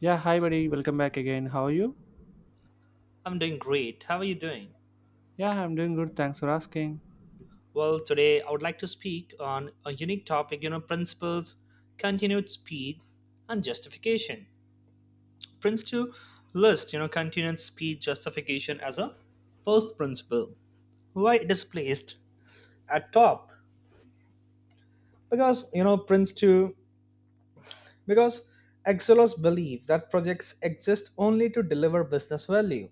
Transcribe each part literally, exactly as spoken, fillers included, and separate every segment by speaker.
Speaker 1: Yeah, hi buddy, welcome back again. How are you?
Speaker 2: I'm doing great. How are you doing?
Speaker 1: Yeah, I'm doing good. Thanks for asking.
Speaker 2: Well, today I would like to speak on a unique topic, you know, principles, continued speed, and justification. Prince two lists, you know, continued speed justification as a first principle. Why it is placed at top? Because, you know, Prince two, because Exelos believe that projects exist only to deliver business value.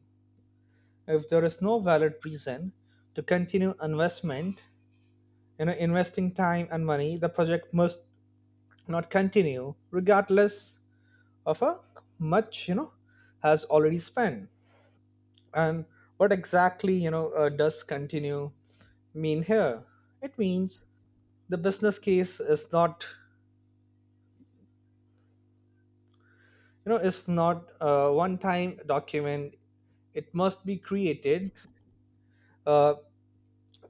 Speaker 2: If there is no valid reason to continue investment, you know investing time and money, the project must not continue regardless of how much you know has already spent. And what exactly you know uh, does continue mean here? It means the business case is not you know is not a one time document. It must be created uh,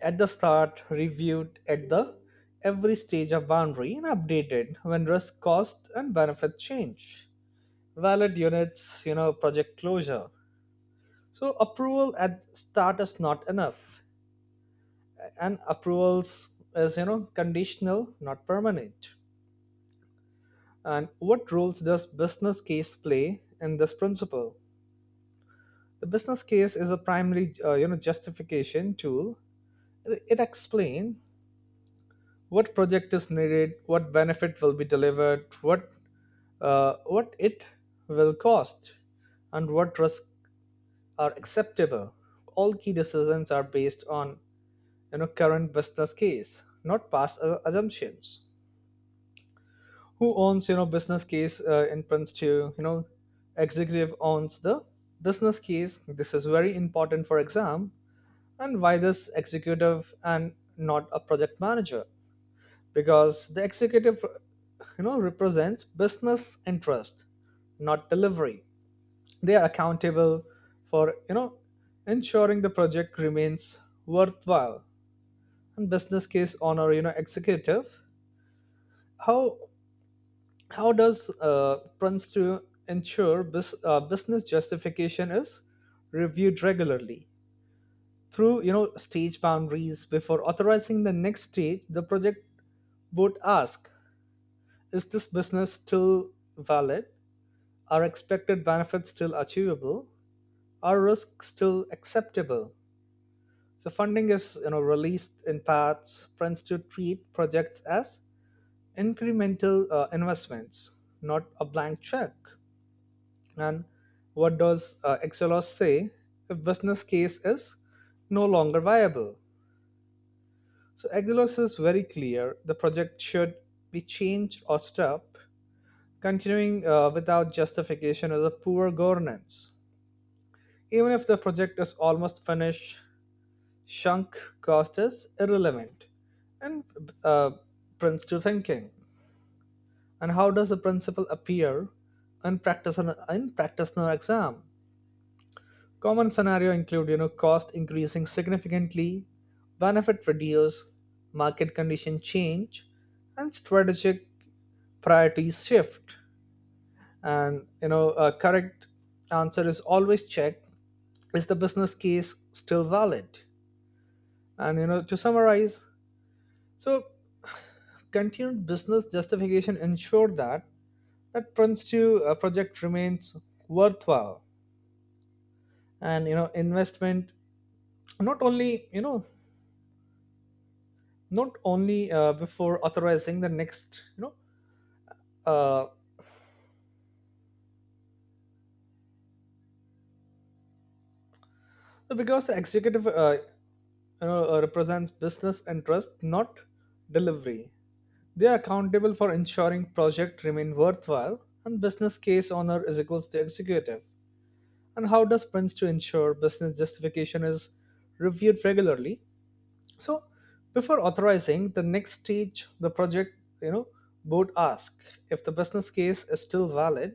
Speaker 2: at the start, reviewed at the every stage of boundary, and updated when risk, cost and benefit change valid units, you know, project closure. So approval at start is not enough, and approvals is you know conditional, not permanent. And what roles does business case play in this principle? The business case is a primary uh, you know justification tool. It explains what project is needed, what benefit will be delivered, what uh, what it will cost, and what risk are acceptable. All key decisions are based on you know current business case, not past uh, assumptions. Who owns you know business case uh, in Prince to? You know executive owns the business case. This is very important for exam. And why this executive and not a project manager? Because the executive you know represents business interest, not delivery. They are accountable for you know ensuring the project remains worthwhile, and business case owner you know executive. How how does uh, prince to ensure bus, uh, business justification is reviewed regularly? Through you know stage boundaries, before authorizing the next stage, the project board asks, is this business still valid, are expected benefits still achievable, are risks still acceptable? So funding is you know released in parts. Prince to treat projects as incremental uh, investments, not a blank check. And what does uh, Exelos say if business case is no longer viable? So Exelos is very clear: the project should be changed or stopped. Continuing uh, without justification is a poor governance. Even if the project is almost finished, sunk cost is irrelevant and uh, prints to thinking. And how does the principle appear in practice on in practice no exam? Common scenario include you know cost increasing significantly, benefit reduce, market condition change, and strategic priorities shift. And you know a correct answer is always check, is the business case still valid? And you know to summarize, so continued business justification ensure that that Prince uh, project remains worthwhile and you know investment, not only you know not only uh, before authorizing the next you know uh, because the executive uh, you know uh, represents business interest not delivery. They are accountable for ensuring project remain worthwhile, and business case owner is equals to executive. And how does prince to ensure business justification is reviewed regularly? So before authorizing the next stage, the project, you know, board ask if the business case is still valid,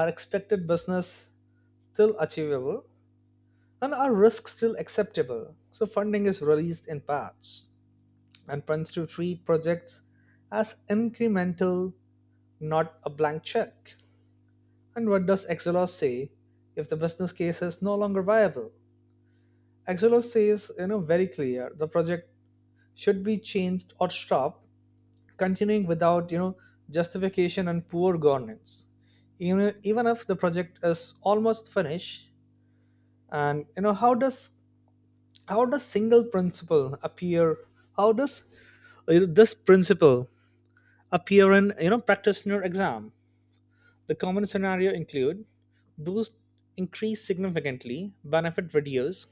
Speaker 2: are expected business still achievable, and are risks still acceptable. So funding is released in parts, and plans to treat projects as incremental, not a blank check. And what does Exelos say if the business case is no longer viable? Exelos says, you know, very clear the project should be changed or stopped. Continuing without you know justification and poor governance, even, even if the project is almost finished. And you know how does how does single principle appear how does uh, this principle appear in you know practitioner exam? The common scenario include boost increase significantly, benefit reduce,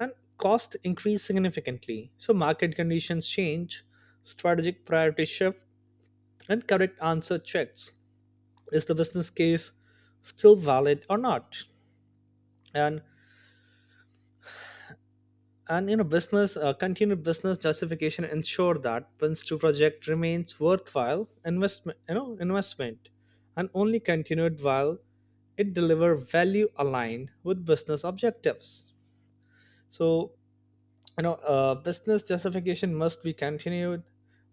Speaker 2: and cost increase significantly, so market conditions change, strategic priority shift. And correct answer checks, is the business case still valid or not? And and you know business uh, continued business justification ensure that prince two project remains worthwhile investment you know investment, and only continued while it deliver value aligned with business objectives. So you know uh, business justification must be continued,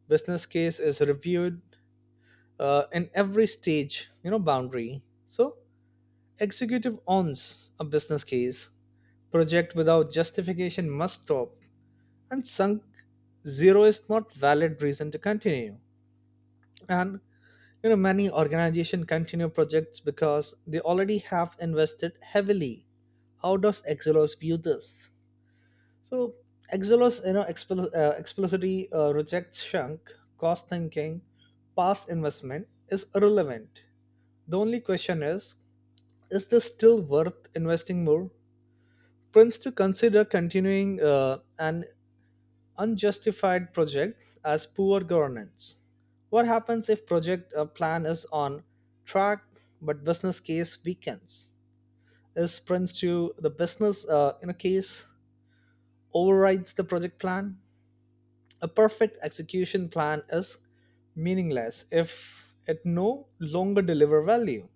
Speaker 2: business case is reviewed uh, in every stage you know boundary. So executive owns a business case. Project without justification must stop. And sunk zero is not valid reason to continue. And you know many organizations continue projects because they already have invested heavily. How does Exelos view this? So Exelos, you know, expl- uh, explicitly uh, rejects shrunk, cost thinking, past investment is irrelevant. The only question is, is this still worth investing more? Prince to consider continuing uh, an unjustified project as poor governance. What happens if project uh, plan is on track but business case weakens? Is Prince to the business uh, in a case overrides the project plan? A perfect execution plan is meaningless if it no longer deliver value,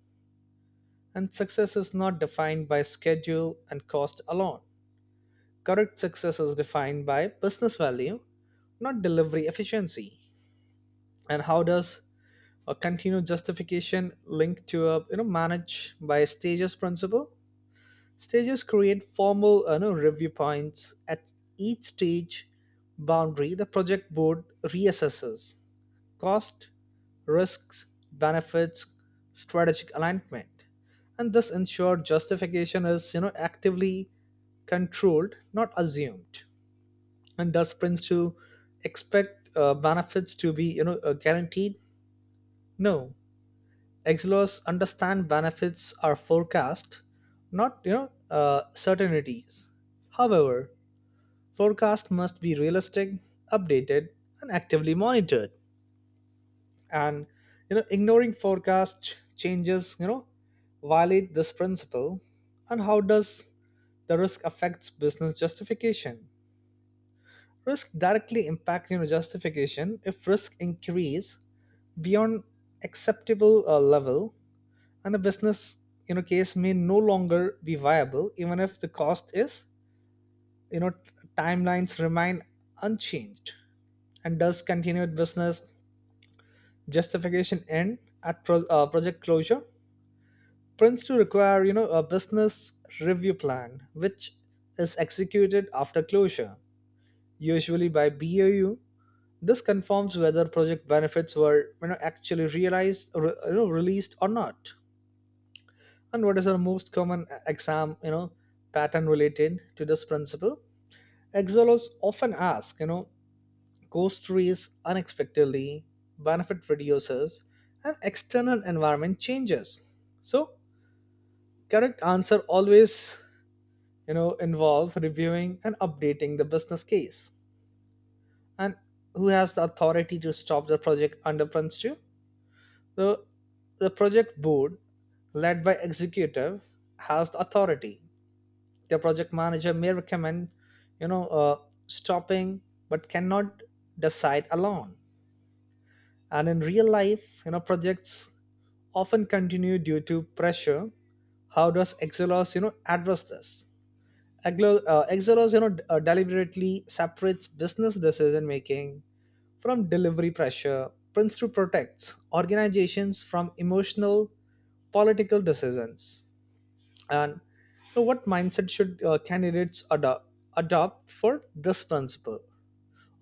Speaker 2: and success is not defined by schedule and cost alone. Correct, success is defined by business value, not delivery efficiency. And how does a continued justification link to a you know manage by stages principle? Stages create formal you know, review points at each stage boundary. The project board reassesses cost, risks, benefits, strategic alignment, and this ensures justification is you know actively controlled, not assumed. And does prince to expect uh, benefits to be you know uh, guaranteed? No, exilos understand benefits are forecast, not you know uh, certainties. However, forecast must be realistic, updated, and actively monitored. And you know ignoring forecast changes you know violate this principle. And how does the risk affects business justification? Risk directly impact you know, justification. If risk increase beyond acceptable uh, level, and the business you know case may no longer be viable, even if the cost is you know timelines remain unchanged. And does continued business justification end at pro- uh, project closure? Prince to require you know a business review plan, which is executed after closure, usually by B O U. This confirms whether project benefits were you know, actually realized, re- you know, released or not. And what is our most common e, exam, you know, pattern related to this principle? Excelers often ask, you know, cost through unexpectedly, benefit reduces, and external environment changes. So correct answer always, you know, involve reviewing and updating the business case. And who has the authority to stop the project under Prince two? The, the project board, led by executive, has the authority. The project manager may recommend, you know, uh, stopping, but cannot decide alone. And in real life, you know, projects often continue due to pressure. How does Exelos, you know, address this? Exelos, uh, Exelos you know, d- uh, deliberately separates business decision making from delivery pressure. Prince two protects organizations from emotional political decisions. And so what mindset should uh, candidates adopt adopt for this principle?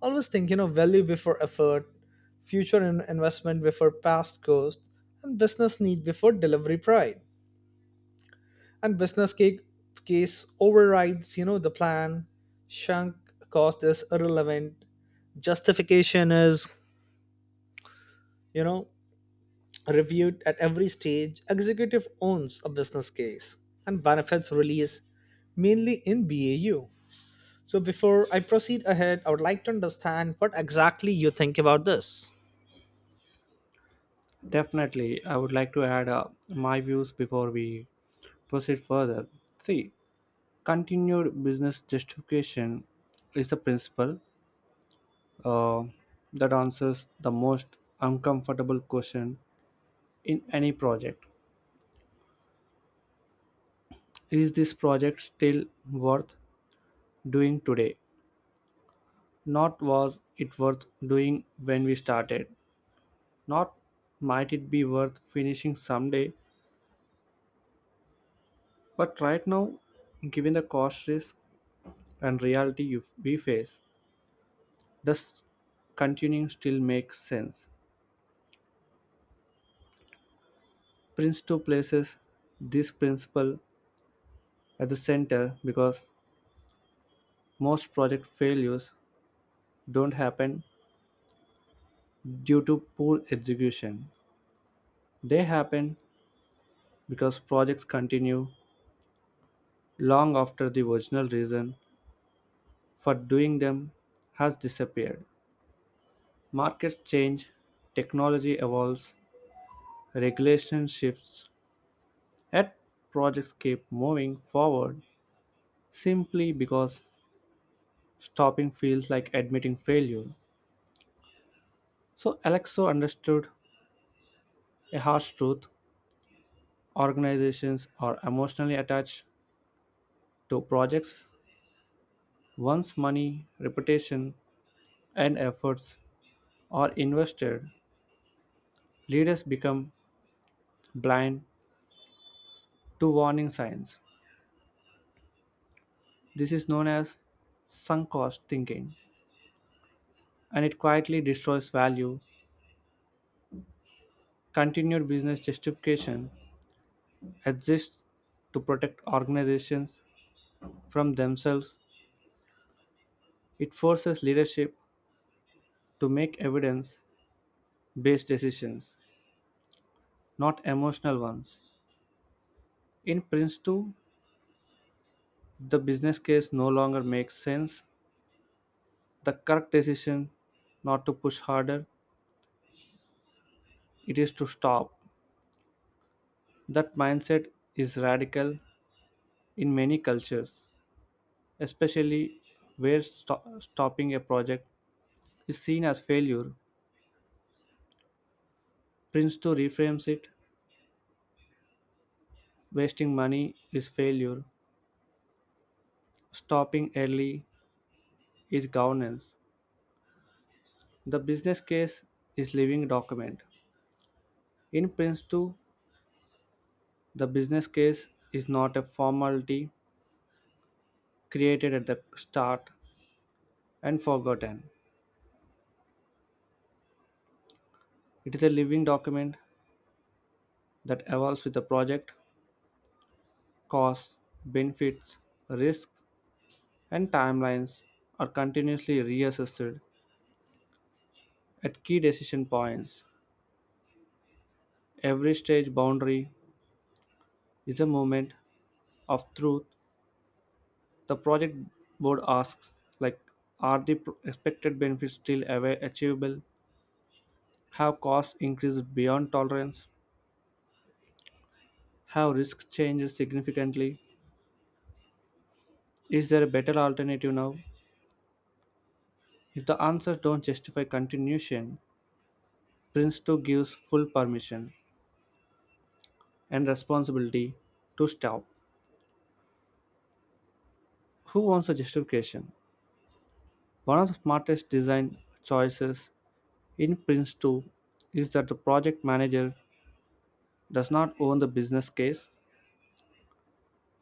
Speaker 2: Always think you know value before effort, future in- investment before past cost, and business need before delivery pride. And business case, case overrides you know the plan, sunk cost is irrelevant, justification is you know reviewed at every stage, executive owns a business case, and benefits release mainly in B A U. So before I proceed ahead, I would like to understand what exactly you think about this.
Speaker 1: Definitely, I would like to add uh, my views before we proceed further. See, continued business justification is a principle uh, that answers the most uncomfortable question in any project. Is this project still worth doing today? Not was it worth doing when we started? Not might it be worth finishing someday? But right now, given the cost risk and reality you, we face, does continuing still make sense? Prince two places this principle at the center because most project failures don't happen due to poor execution. They happen because projects continue long after the original reason for doing them has disappeared. Markets change, technology evolves, regulation shifts, yet projects keep moving forward simply because stopping feels like admitting failure. So Alexo understood a harsh truth. Organizations are emotionally attached to projects once money, reputation, and efforts are invested. Leaders become blind to warning signs. This is known as sunk cost thinking and it quietly destroys value. Continued business justification exists to protect organizations from themselves. It forces leadership to make evidence based decisions, not emotional ones. In Prince two, the business case no longer makes sense. The correct decision not to push harder, it is to stop. That mindset is radical in many cultures, especially where sto- stopping a project is seen as failure. Prince two reframes it wasting money is failure, stopping early is governance. The business case is living document. In Prince two, the business case is not a formality created at the start and forgotten. It is a living document that evolves with the project, costs, benefits, risks, and timelines are continuously reassessed at key decision points. Every stage boundary is a moment of truth. The project board asks like are the pr- expected benefits still ava- achievable, have costs increased beyond tolerance, have risks changed significantly, is there a better alternative now? If the answers don't justify continuation, Prince two gives full permission and responsibility to stop. Who wants a justification? One of the smartest design choices in Prince two is that the project manager does not own the business case.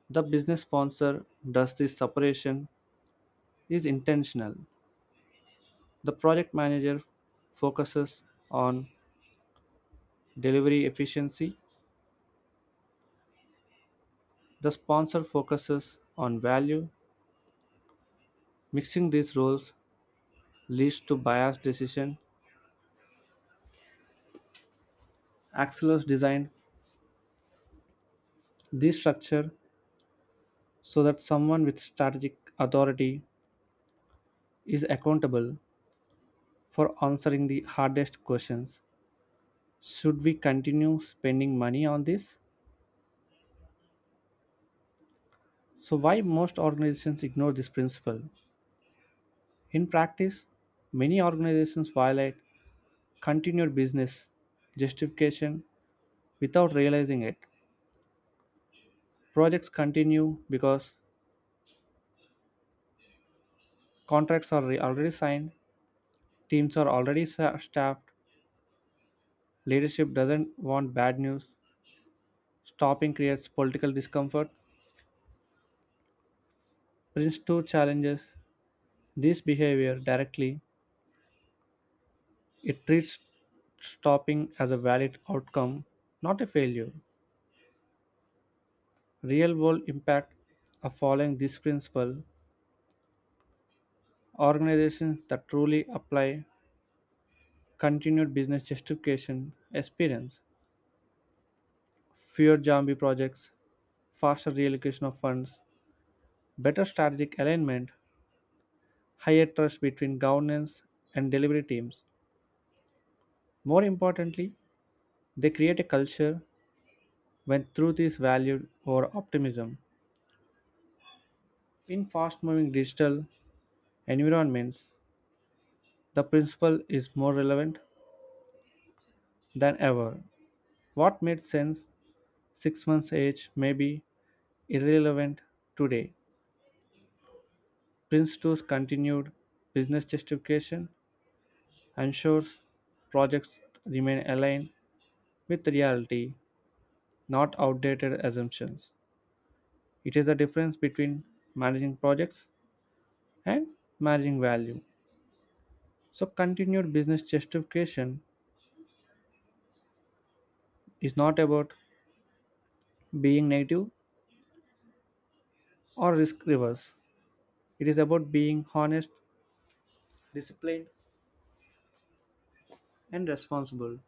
Speaker 1: The business sponsor does. This separation is intentional. The project manager focuses on delivery efficiency, the sponsor focuses on value. Mixing these roles leads to biased decision. Axelos designed this structure so that someone with strategic authority is accountable for answering the hardest questions. Should we continue spending money on this? So why most organizations ignore this principle? In practice, many organizations violate continued business justification without realizing it. Projects continue because contracts are re- already signed, teams are already sa- staffed, leadership doesn't want bad news, stopping creates political discomfort. Prince two challenges this behavior directly. It treats stopping as a valid outcome, not a failure. Real world impact of following this principle. Organizations that truly apply continued business justification experience fewer zombie projects, faster reallocation of funds, better strategic alignment, higher trust between governance and delivery teams. More importantly, they create a culture when truth is valued over optimism. In fast moving digital environments, the principle is more relevant than ever. What made sense six months age may be irrelevant today. Prince two's continued business justification ensures projects remain aligned with reality, not outdated assumptions. It is the difference between managing projects and managing value. So, continued business justification is not about being negative or risk averse. It is about being honest, disciplined, and responsible.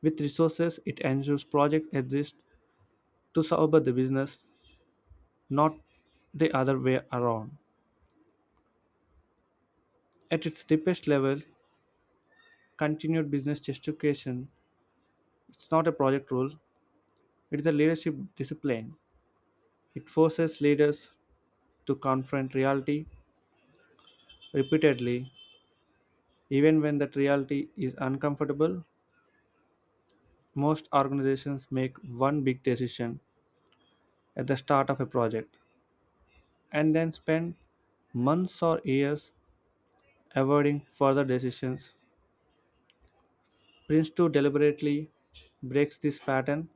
Speaker 1: With resources, it ensures projects exist to serve the business, not the other way around. At its deepest level, continued business justification is not a project rule, it is a leadership discipline. It forces leaders to confront reality repeatedly, even when that reality is uncomfortable. Most organizations make one big decision at the start of a project and then spend months or years avoiding further decisions. Prince two deliberately breaks this pattern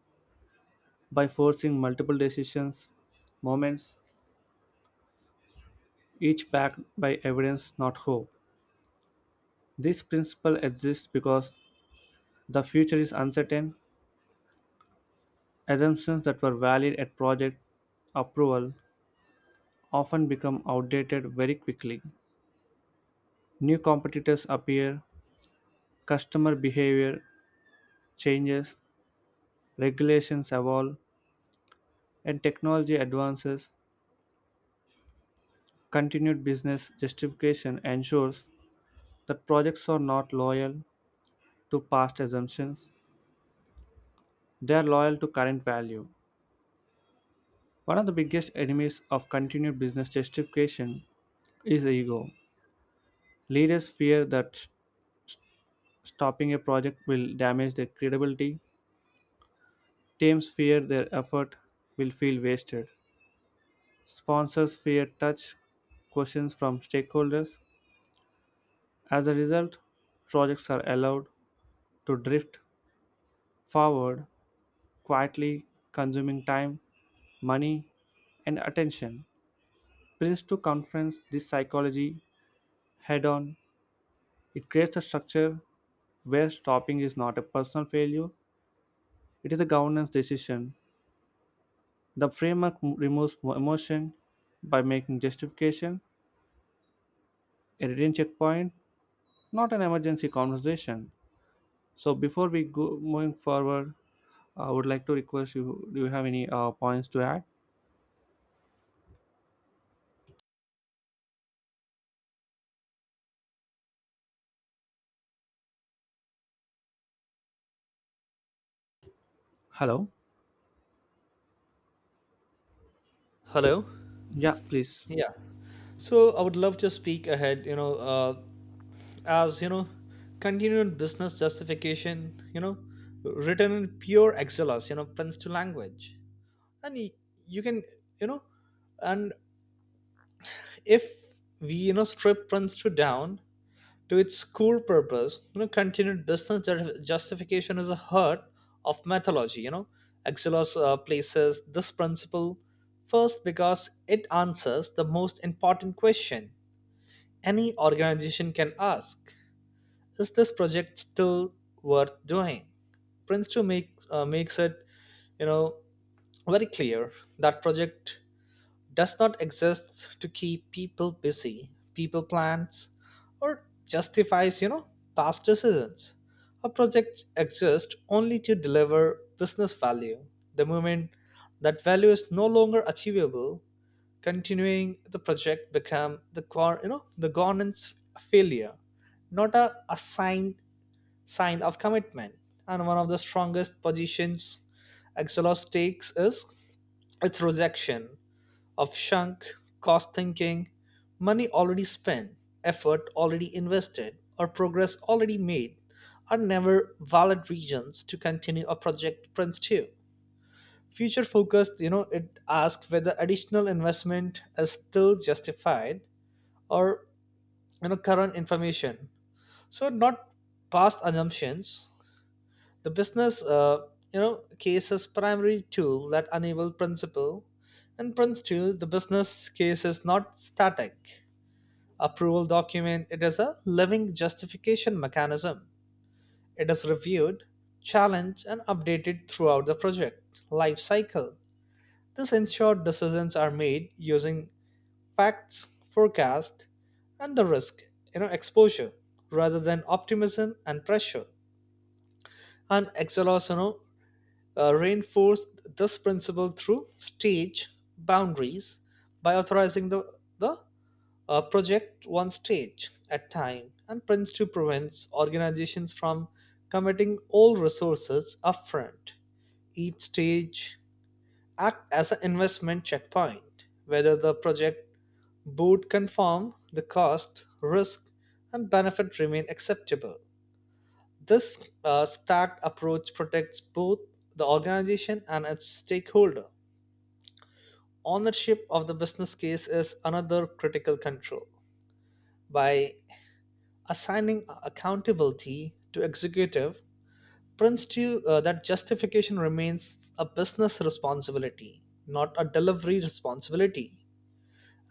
Speaker 1: by forcing multiple decisions moments each backed by evidence, not hope. This principle exists because the future is uncertain. Assumptions that were valid at project approval often become outdated very quickly. New competitors appear, customer behavior changes, regulations evolve, and technology advances. Continued business justification ensures that projects are not loyal to past assumptions, they are loyal to current value. One of the biggest enemies of continued business justification is ego. Leaders fear that s- stopping a project will damage their credibility. Teams fear their effort will feel wasted. Sponsors fear touch questions from stakeholders. As a result, projects are allowed to drift forward quietly, consuming time, money, and attention. Prince two confronts this psychology head on. It creates a structure where stopping is not a personal failure, it is a governance decision. The framework m- removes mo- emotion by making justification a written checkpoint, not an emergency conversation. So, before we go moving forward, I would like to request you do you have any uh, points to add? Hello?
Speaker 2: Hello?
Speaker 1: Yeah, please.
Speaker 2: Yeah. So I would love to speak ahead, you know, uh, as you know, continued business justification, you know, written in pure excellence, you know, prince to language. And y- you can, you know, and if we, you know, strip prince to down, to its core purpose, you know, continued business ju- justification is a heart of mythology. You know, Axelos uh, places this principle first because it answers the most important question any organization can ask: is this project still worth doing? Prince two make, uh, makes it, you know, very clear that project does not exist to keep people busy, people plans, or justifies, you know, past decisions. A project exists only to deliver business value. The moment that value is no longer achievable, continuing the project become the core, you know, the governance failure, not a, a sign sign of commitment. And one of the strongest positions Exelos takes is its rejection of sunk cost thinking. Money already spent, effort already invested, or progress already made are never valid reasons to continue a project pursue. Future focused, you know, it asks whether additional investment is still justified or you know current information. So not past assumptions, the business, uh, you know, case's primary tool that enable principle, and prints to the business case is not static approval document. It is a living justification mechanism. It is reviewed, challenged, and updated throughout the project life cycle. This ensures decisions are made using facts, forecast, and the risk, you know, exposure rather than optimism and pressure. And Excelos, you know, uh, reinforced this principle through stage boundaries by authorizing the, the uh, project one stage at a time, and prince two prevents organizations from committing all resources upfront. Each stage act as an investment checkpoint whether the project would conform the cost risk and benefit remain acceptable. This uh, stacked approach protects both the organization and its stakeholder. Ownership of the business case is another critical control. By assigning accountability to executive, Prince to uh, that justification remains a business responsibility, not a delivery responsibility.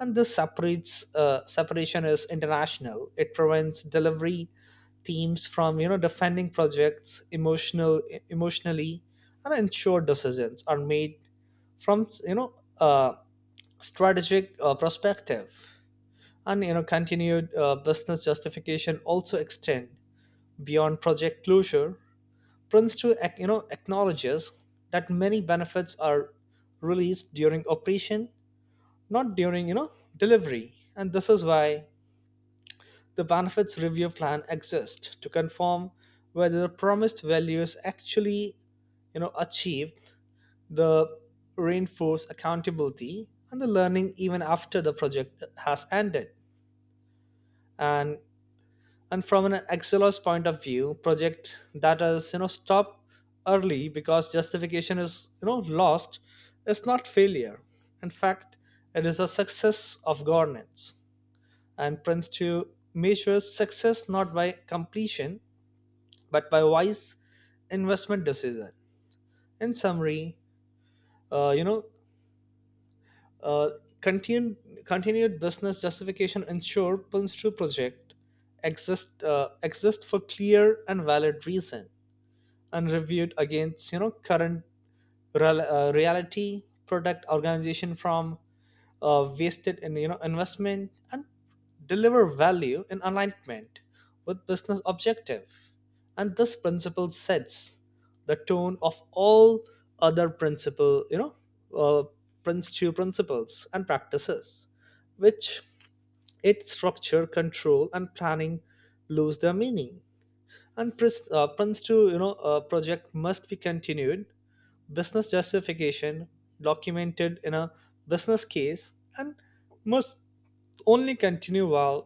Speaker 2: And this separates uh, separation is international. It prevents delivery teams from you know defending projects emotional emotionally and ensure decisions are made from you know uh, strategic uh, perspective. And you know continued uh, business justification also extend beyond project closure. Prince two ac- you know acknowledges that many benefits are released during operation, not during you know delivery. And this is why the benefits review plan exists to confirm whether the promised value is actually you know achieved. The reinforce accountability and the learning even after the project has ended. And and from an exceller's point of view, project that is you know stopped early because justification is you know lost is not failure. In fact, it is a success of governance. And Prince to measure success not by completion but by wise investment decision. In summary, uh, you know, uh, continued continued business justification ensure Prince to project exist uh, exist for clear and valid reason and reviewed against you know current rel- uh, reality, product organization from uh, wasted in you know investment and deliver value in alignment with business objective. And this principle sets the tone of all other principle, you know uh, principle principles and practices, which its structure control and planning lose their meaning. And prince, uh, prince two you know uh, project must be continued business justification documented in a business case, and must only continue while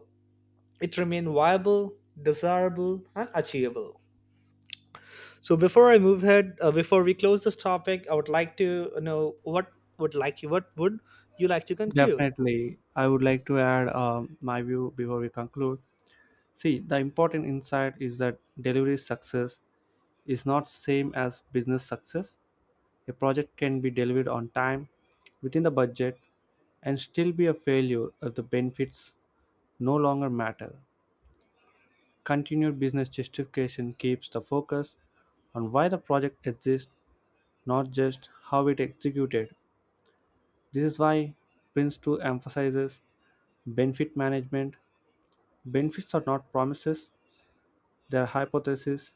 Speaker 2: it remain viable, desirable and achievable. So before I move ahead, uh, before we close this topic, I would like to know what would like you what would you like to conclude.
Speaker 1: Definitely. I would like to add um, my view before we conclude. See, the important insight is that delivery success is not same as business success. A project can be delivered on time, within the budget, and still be a failure if the benefits no longer matter. Continued business justification keeps the focus on why the project exists, not just how it executed. This is why Prince two emphasizes benefit management. Benefits are not promises, they are hypotheses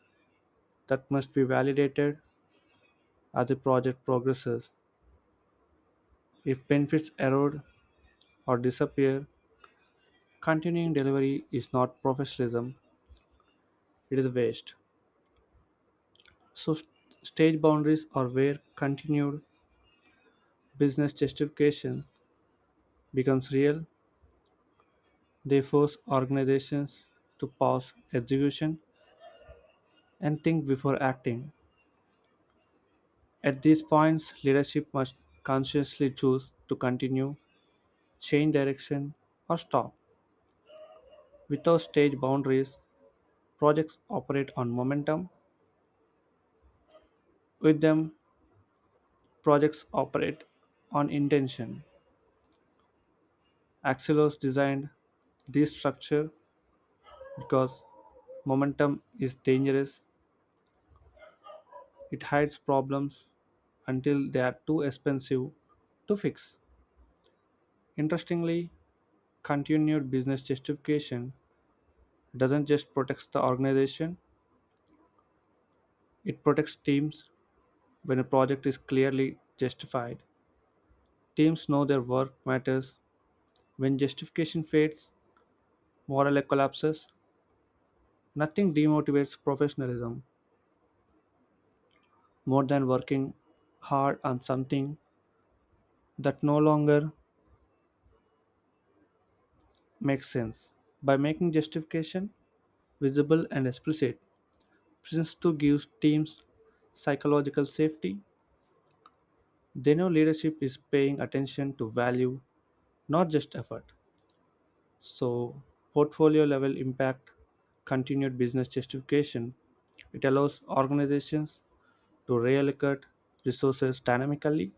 Speaker 1: that must be validated as the project progresses. If benefits erode or disappear, continuing delivery is not professionalism, it is waste. So, st- stage boundaries are where continued business justification becomes real. They force organizations to pause execution and think before acting. At these points, leadership must consciously choose to continue, change direction, or stop. Without stage boundaries, projects operate on momentum. With them, projects operate on intention. Axelos designed this structure because momentum is dangerous, it hides problems until they are too expensive to fix. Interestingly, continued business justification doesn't just protect the organization, it protects teams when a project is clearly justified. Teams know their work matters. When justification fades, morale collapses. Nothing demotivates professionalism more than working hard on something that no longer makes sense. By making justification visible and explicit, Prisons two gives teams psychological safety. They know leadership is paying attention to value, not just effort. So, portfolio level impact, continued business justification, it allows organizations to reallocate resources dynamically.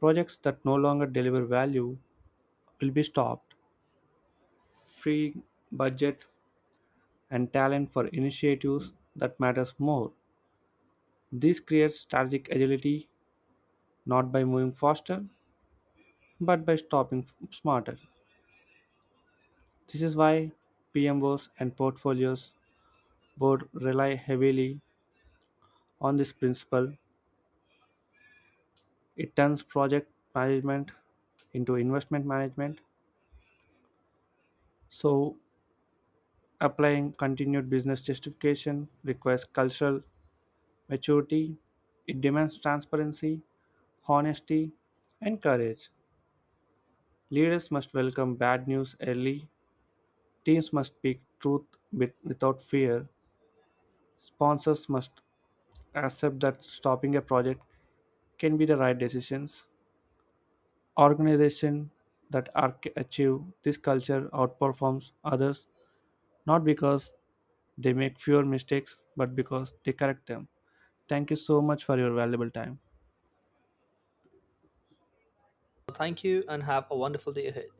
Speaker 1: Projects that no longer deliver value will be stopped, freeing budget and talent for initiatives that matters more. This creates strategic agility not by moving faster but by stopping f- smarter. This is why P M Os and portfolios board rely heavily on this principle. It turns project management into investment management. So, applying continued business justification requires cultural maturity. It demands transparency, honesty, and courage. Leaders must welcome bad news early, teams must speak truth with, without fear, sponsors must accept that stopping a project can be the right decisions. Organizations that are, achieve this culture outperforms others not because they make fewer mistakes but because they correct them. Thank you so much for your valuable time.
Speaker 2: Thank you and have a wonderful day ahead.